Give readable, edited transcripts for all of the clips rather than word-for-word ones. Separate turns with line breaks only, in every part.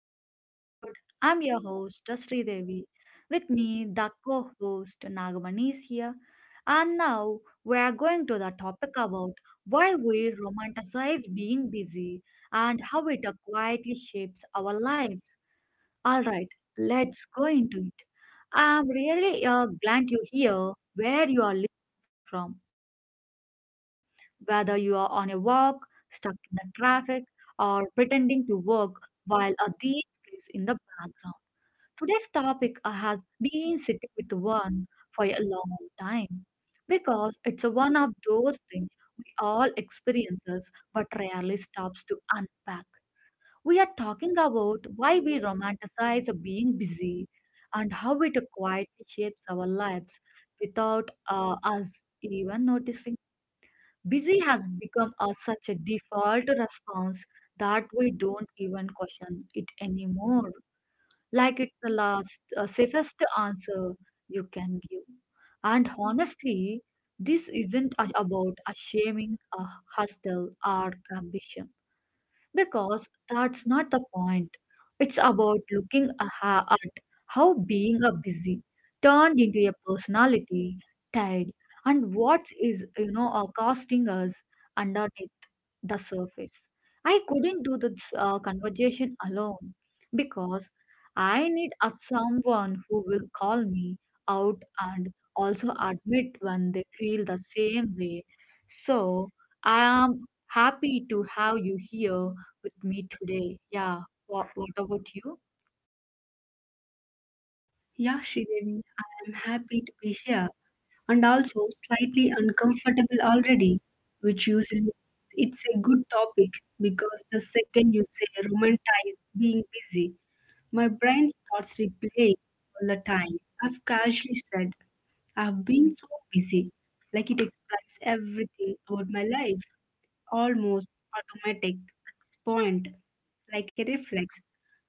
today's episode. I'm your host Dasri Devi. With me, the co-host Nagamani is here. And now we are going to the topic about why we romanticize being busy and how it quietly shapes our lives. All right, let's go into it. I'm really glad you're here, where you are listening from, whether you are on a walk, stuck in the traffic, or pretending to work while a deep is in the background. Today's topic has been sitting with one for a long time because it's a one of those things we all experiences but rarely stops to unpack. We are talking about why we romanticize being busy and how it quietly shapes our lives without us even noticing. Busy has become a, such a default response that we don't even question it anymore. Like it's the last, safest answer you can give. And honestly, this isn't a- about a shaming a hustle or ambition. Because that's not the point. It's about at how being a busy turned into a personality, tied, and what is are costing us underneath the surface. I couldn't do this conversation alone because I need a someone who will call me out and also admit when they feel the same way. So I am happy to have you here with me today. Yeah, what about you?
Yeah, Sridevi, I am happy to be here and also slightly uncomfortable already, which usually it's a good topic because the second you say romanticize being busy, my brain starts replaying all the time. I've casually said, I've been so busy. Like it explains everything about my life. Almost automatic at this point, like a reflex.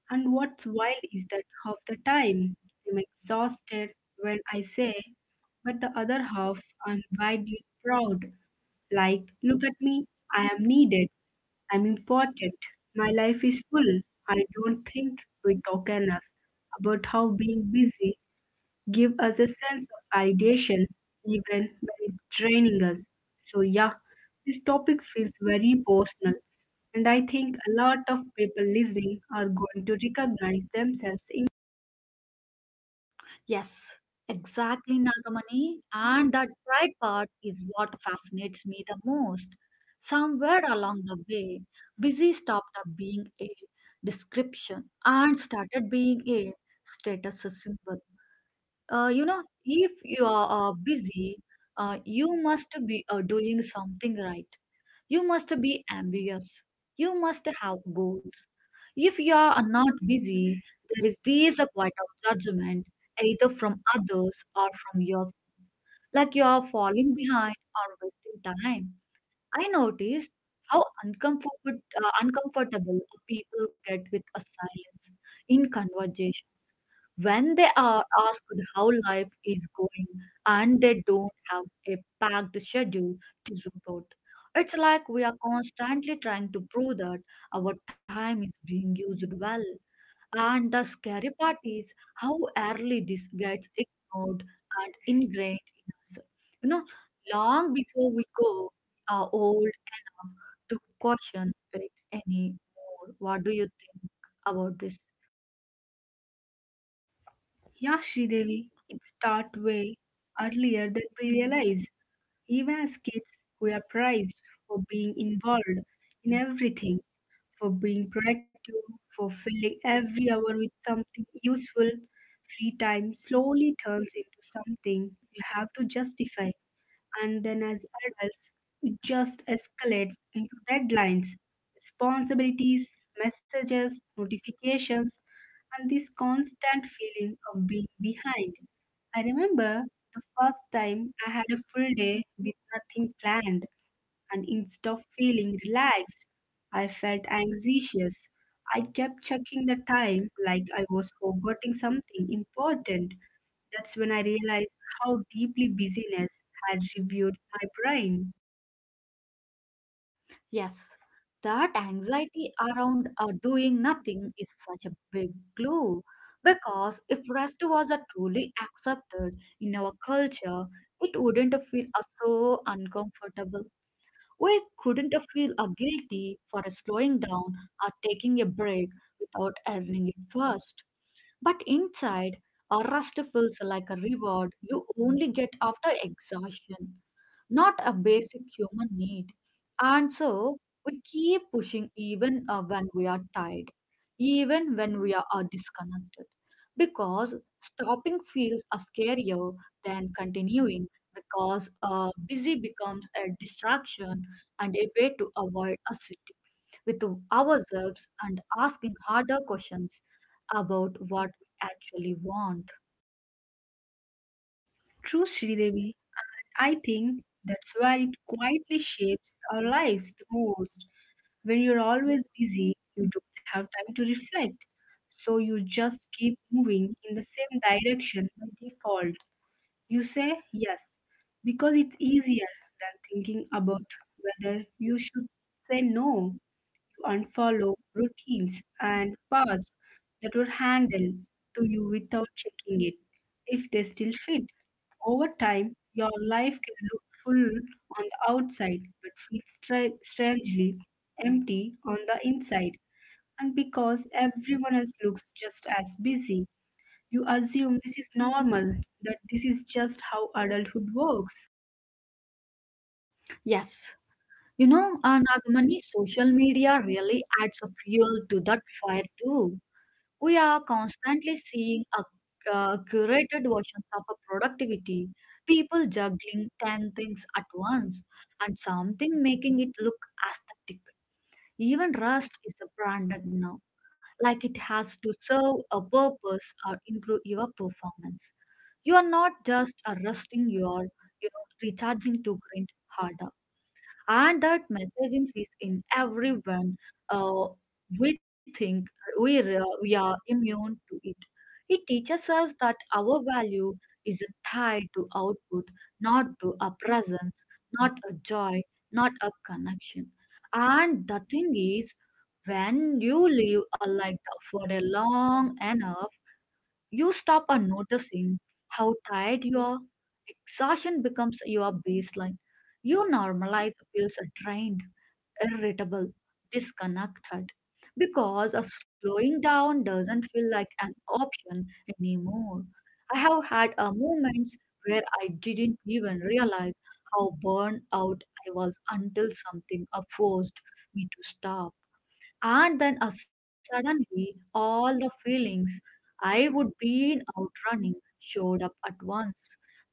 And what's wild is that half the time I'm exhausted when I say but the other half I'm widely proud. Like, look at me, I am needed, I'm important, my life is full. I don't think we talk enough about how being busy gives us a sense of ideation even when it's draining us. So yeah, this topic feels very personal and I think a lot of people listening are going to recognize themselves in.
Yes, exactly, Nagamani. And that pride part is what fascinates me the most. Somewhere along the way, busy stopped being a description and started being a status symbol. You know, if you are busy, you must be doing something right. You must be ambitious. You must have goals. If you are not busy, there is this a quiet of judgment, either from others or from yourself, like you are falling behind or wasting time. I noticed how uncomfortable people get with a silence in conversation when they are asked how life is going and they don't have a packed schedule to report. It's like we are constantly trying to prove that our time is being used well and the scary part is how early this gets ignored and ingrained in us. You know, long before we go are old enough to question it anymore. What do you think about this?
Yeah, Sridevi, it starts way earlier than we realize. Even as kids, we are prized for being involved in everything, for being proactive, for filling every hour with something useful. Free time slowly turns into something you have to justify. And then as adults, it just escalates into deadlines, responsibilities, messages, notifications, and this constant feeling of being behind. I remember the first time I had a full day with nothing planned, and instead of feeling relaxed, I felt anxious. I kept checking the time like I was forgetting something important. That's when I realized how deeply busyness had reviewed my brain.
Yes, that anxiety around doing nothing is such a big clue. Because if rest was a truly accepted in our culture, it wouldn't feel so uncomfortable. We couldn't feel a guilty for slowing down or taking a break without earning it first. But inside, a rest feels like a reward you only get after exhaustion not a basic human need. And so we keep pushing even when we are tired, even when we are disconnected, because stopping feels scarier than continuing because busy becomes a distraction and a way to avoid a sit with ourselves and asking harder questions about what we actually want.
True, Sridevi. I think that's where it quietly shapes our lives the most. When you're always busy, you don't have time to reflect. So you just keep moving in the same direction by default. You say yes because it's easier than thinking about whether you should say no and follow routines and paths that were handed to you without checking it if they still fit. Over time, your life can look full on the outside but feel strangely empty on the inside. And because everyone else looks just as busy, you assume this is normal, that this is just how adulthood works.
Yes. You know, Nagamani, social media really adds a fuel to that fire too. We are constantly seeing curated versions of a productivity, people juggling 10 things at once, and something making it look aesthetic. Even Rust is a branded now, like it has to serve a purpose or improve your performance. You are not just a rusting, you are, you know, recharging to grind harder, and that messaging is in everyone. uh, we think we are immune to it. It teaches us that our value is tied to output, not to a presence, not a joy, not a connection. And the thing is, when you live a life for a long enough, you stop on noticing how tired you are. Exhaustion becomes your baseline. You normalize feels drained, irritable, disconnected because a slowing down doesn't feel like an option anymore. I have had a moments where I didn't even realize how burned out I was until something forced me to stop. And then suddenly, all the feelings I would be out running showed up at once.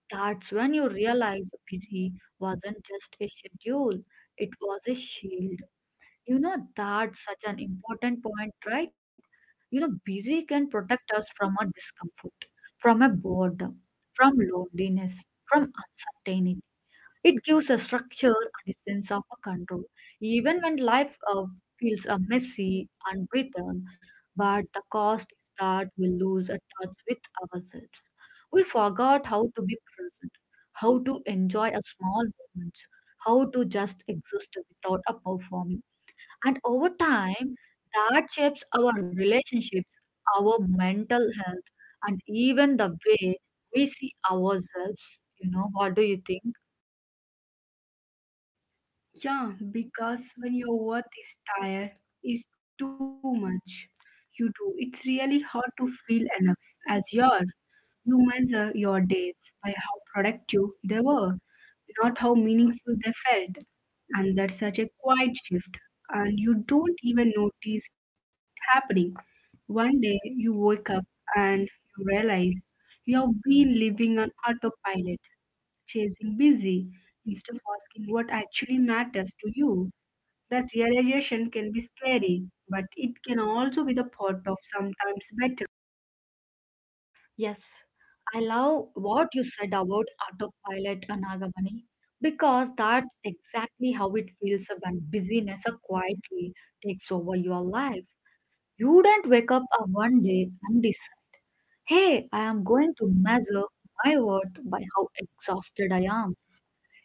That's when you realize busy wasn't just a schedule, it was a shield. You know, that's such an important point, right? You know, busy can protect us from a discomfort, from a boredom, from loneliness, from uncertainty. It gives a structure and a sense of a control, even when life feels messy, unwritten. But the cost is that we lose a touch with ourselves. We forgot how to be present, how to enjoy a small moments, how to just exist without a performing. And over time, that shapes our relationships, our mental health, and even the way we see ourselves. You know, what do you think?
Yeah, because when your worth is tired, is too much. You do. It's really hard to feel enough as you are. You measure your days by how productive they were, not how meaningful they felt. And that's such a quiet shift, and you don't even notice it happening. One day you wake up and you realize you have been living on autopilot, chasing busy instead of asking what actually matters to you. That realization can be scary, but it can also be the part of sometimes better.
Yes, I love what you said about autopilot Anagamani, because that's exactly how it feels when busyness quietly takes over your life. You don't wake up one day and decide, hey, I am going to measure my worth by how exhausted I am.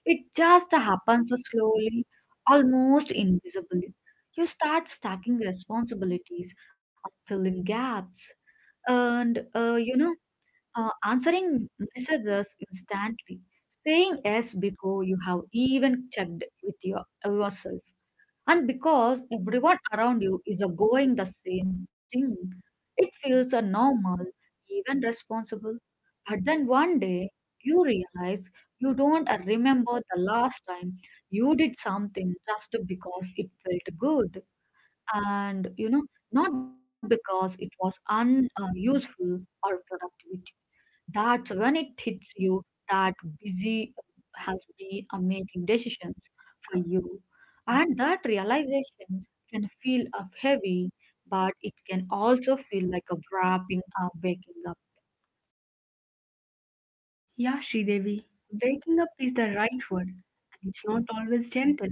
It just happens slowly, almost invisibly. You start stacking responsibilities and filling gaps and answering messages instantly, saying yes before you have even checked with your yourself, and because everyone around you is going the same thing, it feels normal, even responsible. But then one day you realize you don't remember the last time you did something just because it felt good, and you know not because it was unuseful useful or productive. That's when it hits you that busy has been a making decisions for you. And that realization can feel up heavy, but it can also feel like a waking up.
Yeah, Sridevi, waking up is the right word. And it's not always gentle.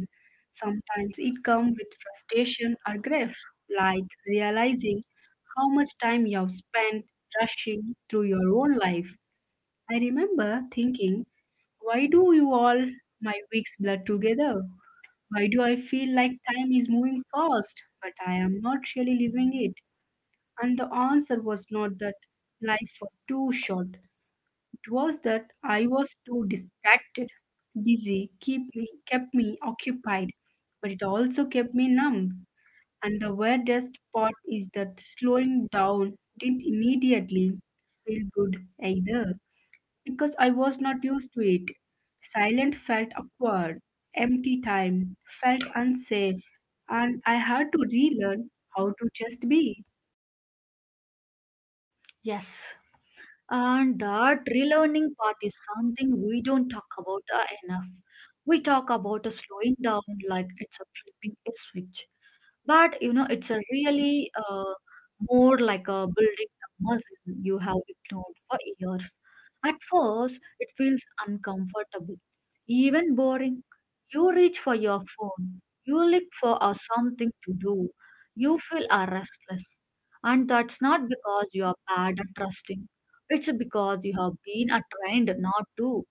Sometimes it comes with frustration or grief, like realizing how much time you've spent rushing through your own life. I remember thinking, why do you all my weeks blur together? Why do I feel like time is moving fast, but I am not really living it? And the answer was not that life was too short, it was that I was too distracted. Busy keep me, kept me occupied, but it also kept me numb. And the weirdest part is that slowing down didn't immediately feel good either because I was not used to it. Silent felt awkward, empty time felt unsafe, and I had to relearn how to just be.
Yes. And that relearning part is something we don't talk about enough. We talk about a slowing down like it's a flipping a switch. But you know, it's a really more like a building a muscle you have ignored for years. At first, it feels uncomfortable, even boring. You reach for your phone, you look for a something to do, you feel a restless. And that's not because you are bad at trusting, it's because you have been a trained not to.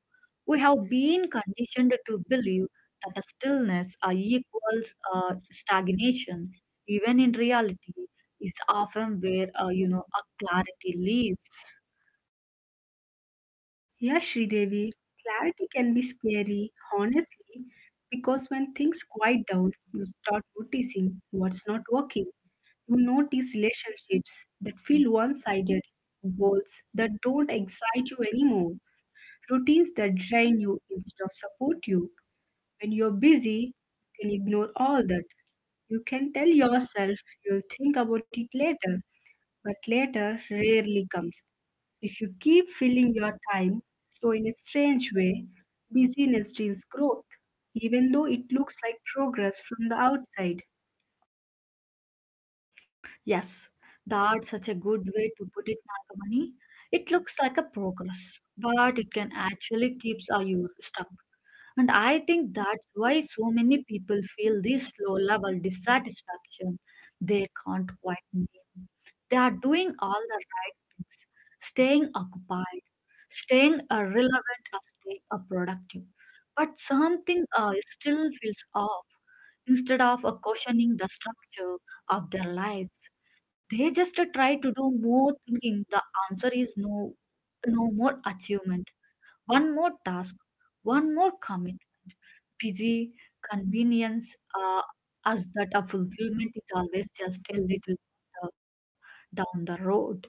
We have been conditioned to believe that a stillness equals uh, stagnation, even in reality, is often where a clarity lives.
Yes, Sridevi, clarity can be scary, honestly, because when things quiet down, you start noticing what's not working. You notice relationships that feel one sided, goals that don't excite you anymore, routines that drain you instead of support you. When you're busy, you can ignore all that. You can tell yourself you'll think about it later, but later rarely comes. If you keep filling your time, so in a strange way, busyness steals growth, even though it looks like progress from the outside.
Yes, that's such a good way to put it, Nagamani. It looks like a progress, but it can actually keep you stuck. And I think that's why so many people feel this low level dissatisfaction they can't quite name. They are doing all the right things, staying occupied, staying relevant, or staying productive. But something still feels off. Instead of questioning the structure of their lives, they just try to do more thinking the answer is no, no more achievement, one more task, one more commit, busy, convenience, uh, as that a fulfillment is always just a little uh, down the road.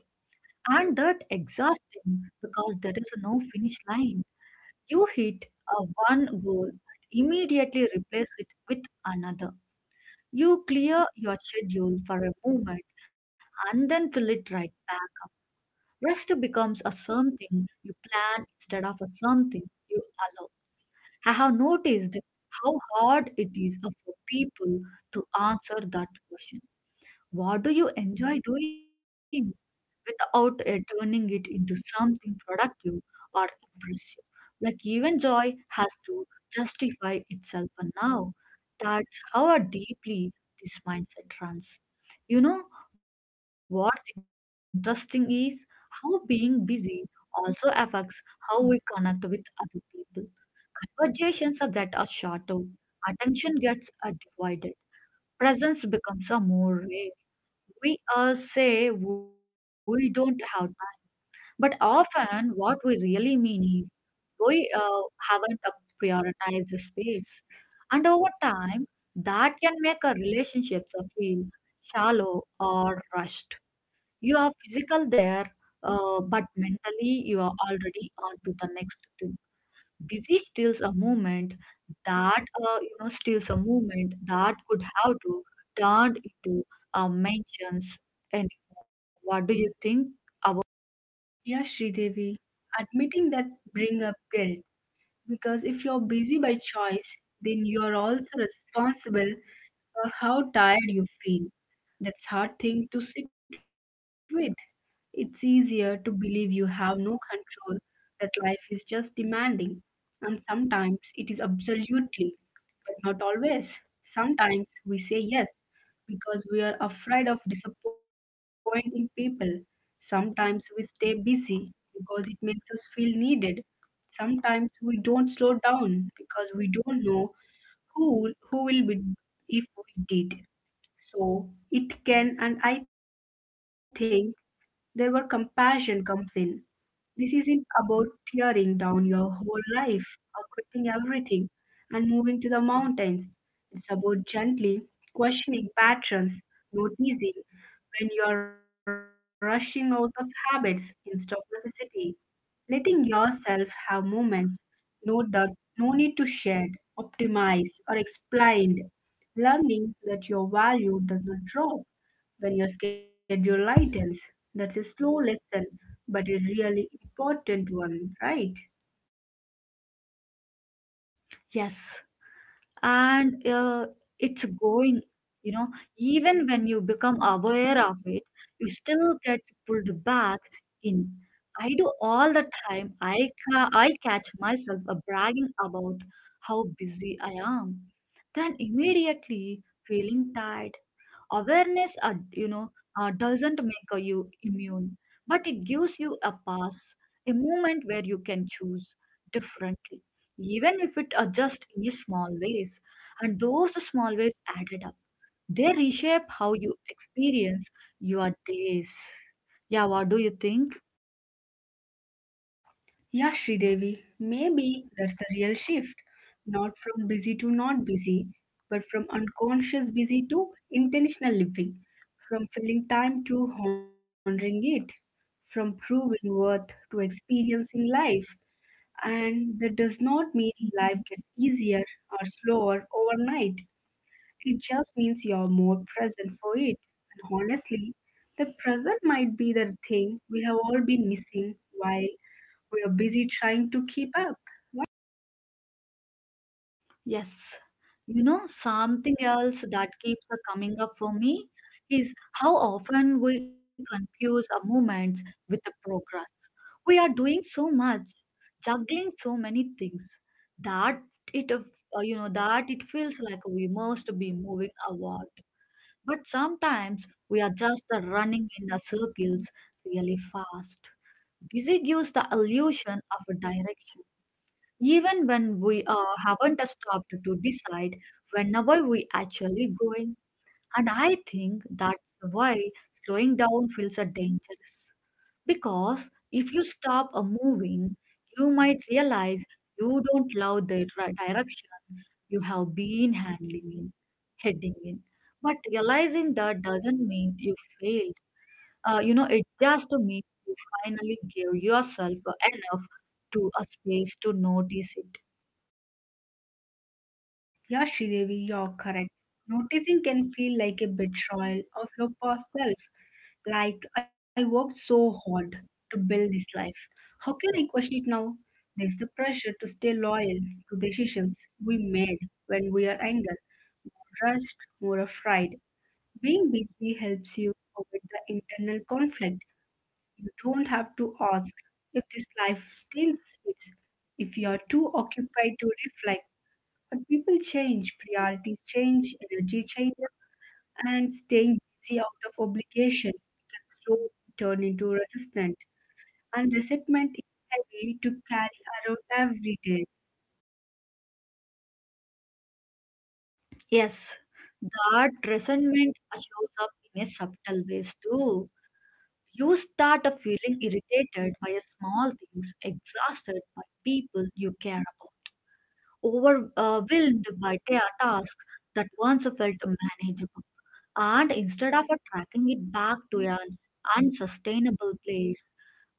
And that exhausting because there is no finish line. You hit a one goal and immediately replace it with another. You clear your schedule for a moment and then fill it right back. Rest becomes a something you plan instead of a something you allow. I have noticed how hard it is for people to answer that question. What do you enjoy doing? Without turning it into something productive or impressive. Like even joy has to justify itself for now. That's how deeply this mindset runs. You know, what's interesting is how being busy also affects how we connect with other people. That are shorter, attention gets divided, presence becomes a more rare. We say we don't have time but often, what we really mean is we haven't prioritized the space. And over time, that can make our relationships feel shallow or rushed. You are physical there, but mentally, you are already on to the next thing. Busy steals a movement that could have to turned into mentions. And what do you think about?
Yes, Sridevi, admitting that bring up guilt. Because if you're busy by choice, then you're also responsible for how tired you feel. That's hard thing to sit with. It's easier to believe you have no control, that life is just demanding. And sometimes it is absolutely, but not always. Sometimes we say yes because we are afraid of disappointing people. Sometimes we stay busy because it makes us feel needed. Sometimes we don't slow down because we don't know who will be if we did. So it can, and I think there were compassion comes in. This isn't about tearing down your whole life or quitting everything and moving to the mountains. It's about gently questioning patterns, noticing when you are rushing out of habits instead of necessity. Letting yourself have moments no that no need to share, optimize, or explain. Learning that your value does not drop when your schedule lightens. That's a slow lesson, but a really important one, right?
Yes. And it's going, you know, even when you become aware of it, you still get pulled back in. I do all the time. I catch myself bragging about how busy I am, then immediately feeling tired. Awareness, doesn't make you immune, but it gives you a pass, a moment where you can choose differently, even if it adjusts in small ways. And those small ways added up. They reshape how you experience your days. Yeah, what do you think?
Yeah, Sridevi, maybe that's the real shift. Not from busy to not busy, but from unconscious busy to intentional living, from filling time to honoring it, from proving worth to experiencing life. And that does not mean life gets easier or slower overnight. It just means you're more present for it. And honestly, the present might be the thing we have all been missing while we are busy trying to keep up.
Yes. You know, something else that keeps a coming up for me is how often we confuse our movements with the progress. We are doing so much, juggling so many things that it feels like we must be moving forward. But sometimes we are just the running in the circles really fast. Busy gives the illusion of a direction, even when we haven't stopped to decide whenever we actually going. And I think that's why slowing down feels a dangerous. Because if you stop a moving, you might realize you don't love the direction you have been handling in, heading in. But realizing that doesn't mean you failed. It just means you finally gave yourself enough to a space to notice it.
Yeah, Sridevi, you're correct. Noticing can feel like a betrayal of your past self. Like, I worked so hard to build this life. How can I question it now? There's the pressure to stay loyal to decisions we made when we are angry, more rushed, more afraid. Being busy helps you avoid the internal conflict. You don't have to ask if this life still fits. If you are too occupied to reflect, but people change, priorities change, energy changes, and staying busy out of obligation can slowly turn into resentment. And resentment is heavy to carry around every day.
Yes, that resentment shows up in a subtle ways too. You start a feeling irritated by a small things, exhausted by people you care about, overwhelmed by their tasks that once felt manageable. And instead of tracking it back to an unsustainable place,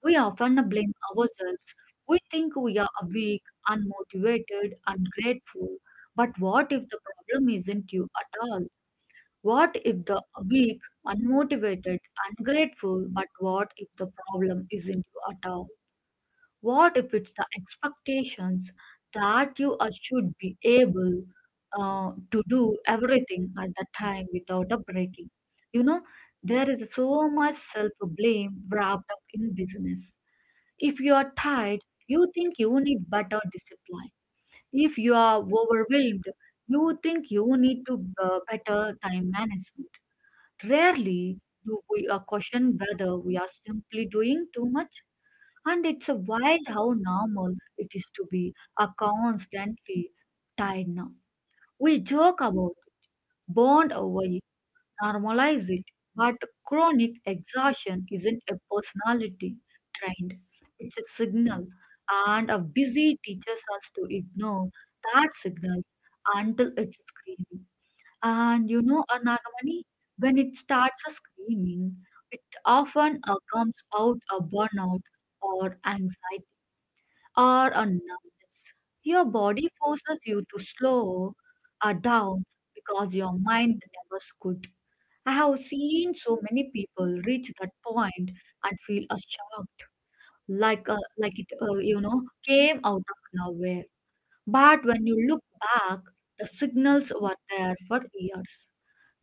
we often blame ourselves. We think we are weak, unmotivated, ungrateful. But what if the problem isn't you at all? What if the weak, unmotivated, ungrateful? But what if the problem isn't you at all? What if it's the expectations that you are, should be able to do everything at the time without a breaking? You know, there is so much self blame wrapped up in business. If you are tired, you think you need better discipline. If you are overwhelmed, you think you need to better time management. Rarely do we question whether we are simply doing too much, and it's a wild how normal it is to be a constantly tired now. We joke about, bond over it, normalize it, but chronic exhaustion isn't a personality trend. It's a signal, and a busy teaches us to ignore that signal until it's screaming. And you know, Anagamani, when it starts screaming, it often comes out a burnout or anxiety are numbness. Your body forces you to slow down because your mind never could. I have seen so many people reach that point and feel shocked, like it came out of nowhere. But when you look back, the signals were there for years.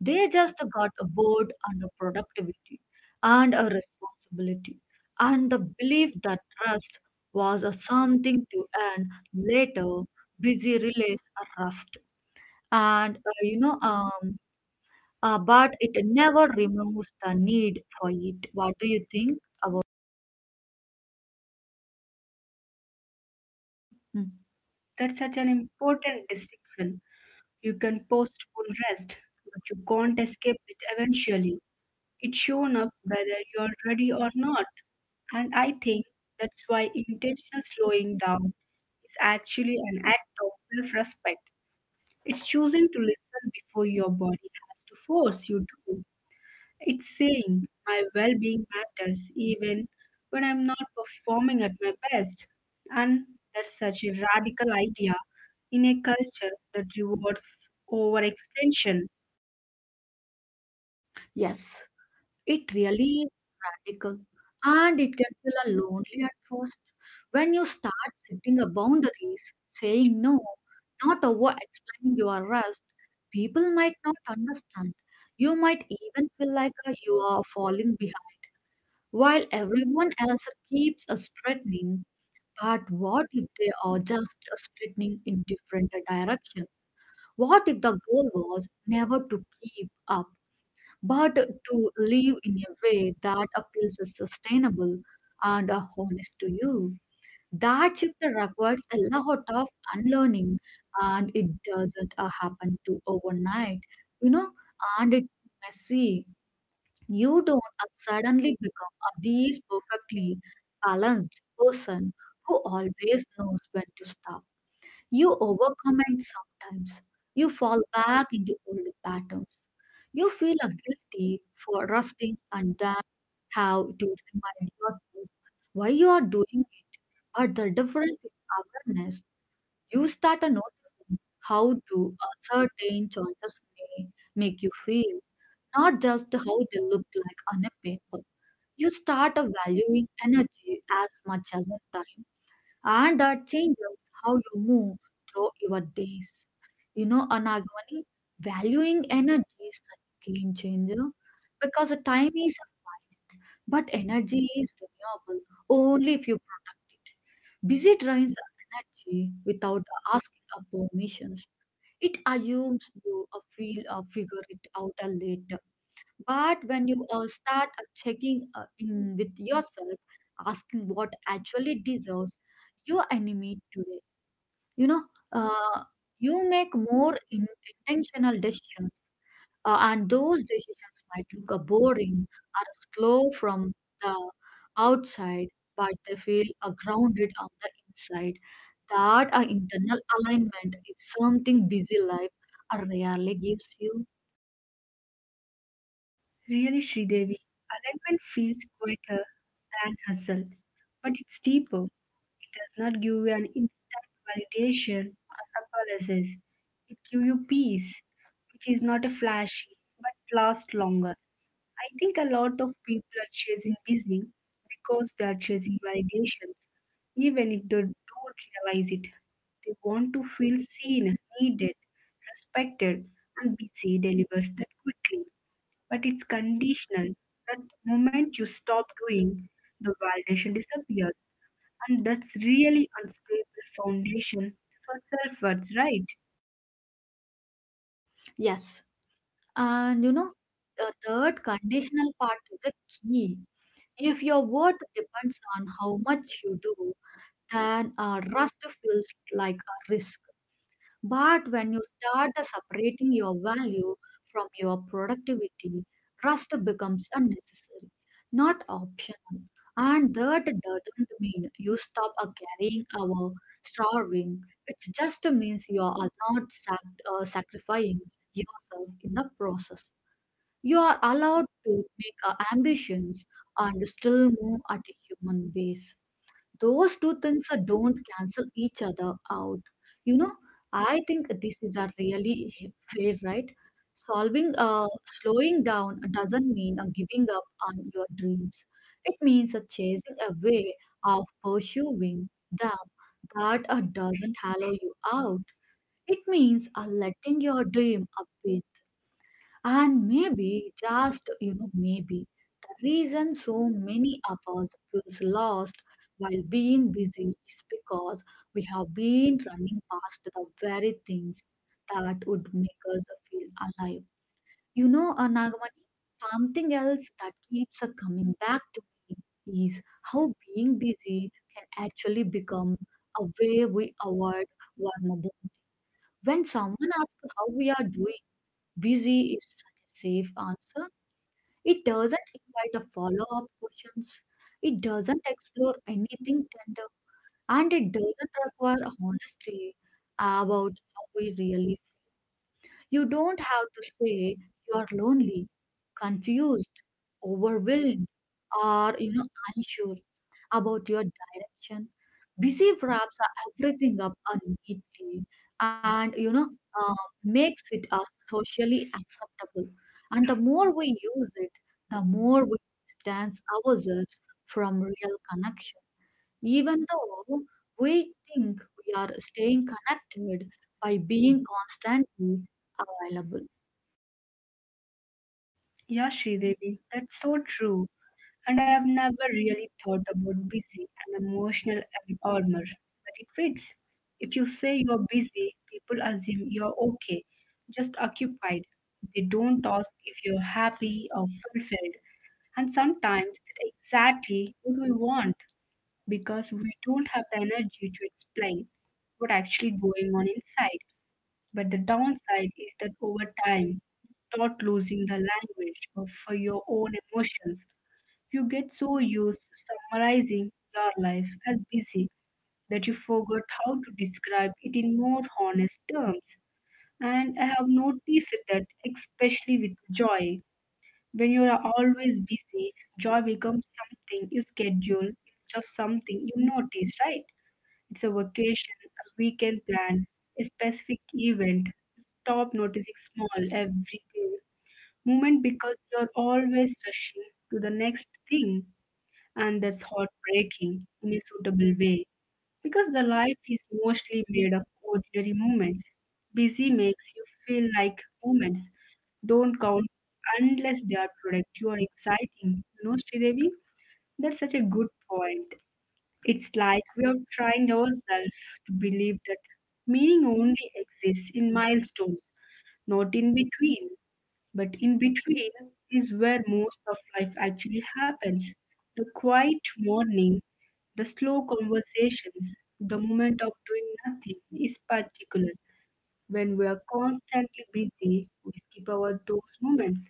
They just got bored on the productivity and a responsibility and the belief that trust was a something to earn later. Busy relays a rust, and uh, you know, um, but it never removes the need for it. What do you think about?
Hmm. That's such an important distinction. You can postpone rest, but you can't escape it eventually. It's shown up whether you're ready or not. And I think that's why intentional slowing down is actually an act of self respect. It's choosing to listen before your body has to force you to. It's saying, my well being matters even when I'm not performing at my best. And that's such a radical idea in a culture that rewards overextension.
Yes. It really is radical, and it can feel a lonely at first when you start setting a boundaries, saying no, not over explaining your rest. People might not understand. You might even feel like you are falling behind, while everyone else keeps straightening. But what if they are just straightening in different directions? What if the goal was never to keep up? But to live in a way that appeals as sustainable and honest to you. That shift requires a lot of unlearning, and it doesn't happen to overnight, you know, and it's messy. You don't suddenly become a these perfectly balanced person who always knows when to stop. You overcommit sometimes. You fall back into old patterns you feel a guilty for rusting, and that how to remind yourself why you are doing it. But the difference is awareness. You start to noticing how do a certain choices may make you feel, not just how they look like on a paper. You start to valuing energy as much as the time, and that changes how you move through your days. You know, a Nagavani, valuing energy is a game changer because the time is a but energy is renewable only if you protect it. Busy drains the energy without asking for permissions. It assumes you feel or figure it out later. But when you start checking in with yourself, asking what actually deserves your enemy today, you know, uh, you make more intentional decisions, and those decisions might look boring or slow from the outside, but they feel grounded on the inside. That internal alignment is something busy life rarely gives you.
Really, Sridevi, alignment feels quieter than hustle, but it's deeper. It does not give you an instant validation or apologies. It gives you peace, which is not a flashy, but lasts longer. I think a lot of people are chasing busy because they are chasing validation, even if they don't realize it. They want to feel seen, needed, respected, and busy delivers that quickly but it's conditional. That moment you stop doing, the validation disappears, and that's really unstable foundation for self-worth, right?
Yes, and you know, the third conditional part is the key. If your worth depends on how much you do, then a rust feels like a risk. But when you start separating your value from your productivity, rest becomes unnecessary, not optional. And that doesn't mean you stop caring or starving. It just means you are not sacrificing yourself in the process. You are allowed to make ambitions and still move at a human pace, those two things don't cancel each other out, you know. I think this is a really fair right, solving slowing down doesn't mean giving up on your dreams. It means chasing a way of pursuing them that doesn't hollow you out. It means letting your dream up, and maybe, just you know, maybe the reason so many of us feels lost while being busy is because we have been running past the very things that would make us feel alive. You know, Nagamani, something else that keeps coming back to me is how being busy can actually become a way we avoid vulnerability. When someone asks how we are doing, busy is such a safe answer. It doesn't invite a follow up questions, it doesn't explore anything tender, and it doesn't require honesty about how we really you don't have to say you're lonely, confused, overwhelmed, or you know unsure about your direction. Busy wraps everything up neatly, and you know makes it socially acceptable. And the more we use it, the more we distance ourselves from real connection. Even though we think we are staying connected by being constantly available.
Yeah, Sridevi, that's so true. And I've never really thought about busy and emotional armor, but it fits. If you say you're busy, people assume you're okay, just occupied. They don't ask if you're happy or fulfilled, and sometimes that's exactly what we want, because we don't have the energy to explain what actually going on inside. But the downside is that over time, you start losing the language of your own emotions. You get so used to summarizing your life as busy that you forgot how to describe it in more honest terms. And I have noticed that, especially with joy, when you are always busy, joy becomes something you schedule instead of something you notice, right? It's a vacation, a weekend plan, a specific event. Stop noticing small everyday moment because you're always rushing to the next thing, and that's heartbreaking in a suitable way because the life is mostly made of ordinary moments. Busy makes you feel like moments don't count unless they are productive or exciting. You know, Sridevi, that's such a good point. It's like we are trying ourselves to believe that meaning only exists in milestones, not in between. But in between is where most of life actually happens. The quiet morning, the slow conversations, the moment of doing nothing is particular. When we are constantly busy, we skip over those moments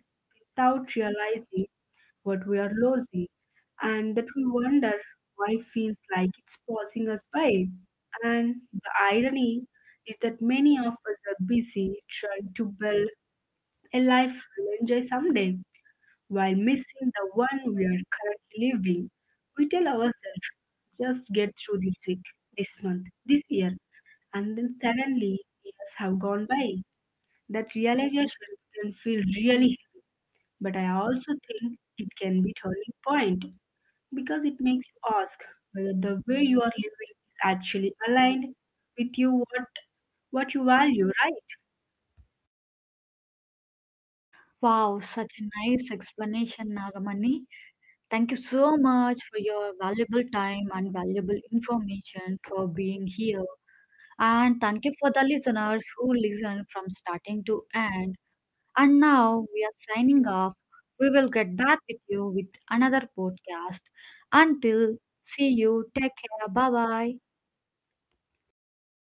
without realizing what we are losing, and that we wonder why feels like it's passing us by. And the irony is that many of us are busy trying to build a life we'll enjoy someday while missing the one we are currently living. We tell ourselves, just get through this week, this month, this year, and then suddenly years have gone by. That realization can feel really heavy but I also think it can be turning point because it makes you ask whether the way you are living is actually aligned with you what you value, right?
Wow, such a nice explanation, Nagamani. Thank you so much for your valuable time and valuable information for being here. And thank you for the listeners who listen from starting to end. And now we are signing off. We will get back with you with another podcast. Until see you, take care. Bye bye. Mm.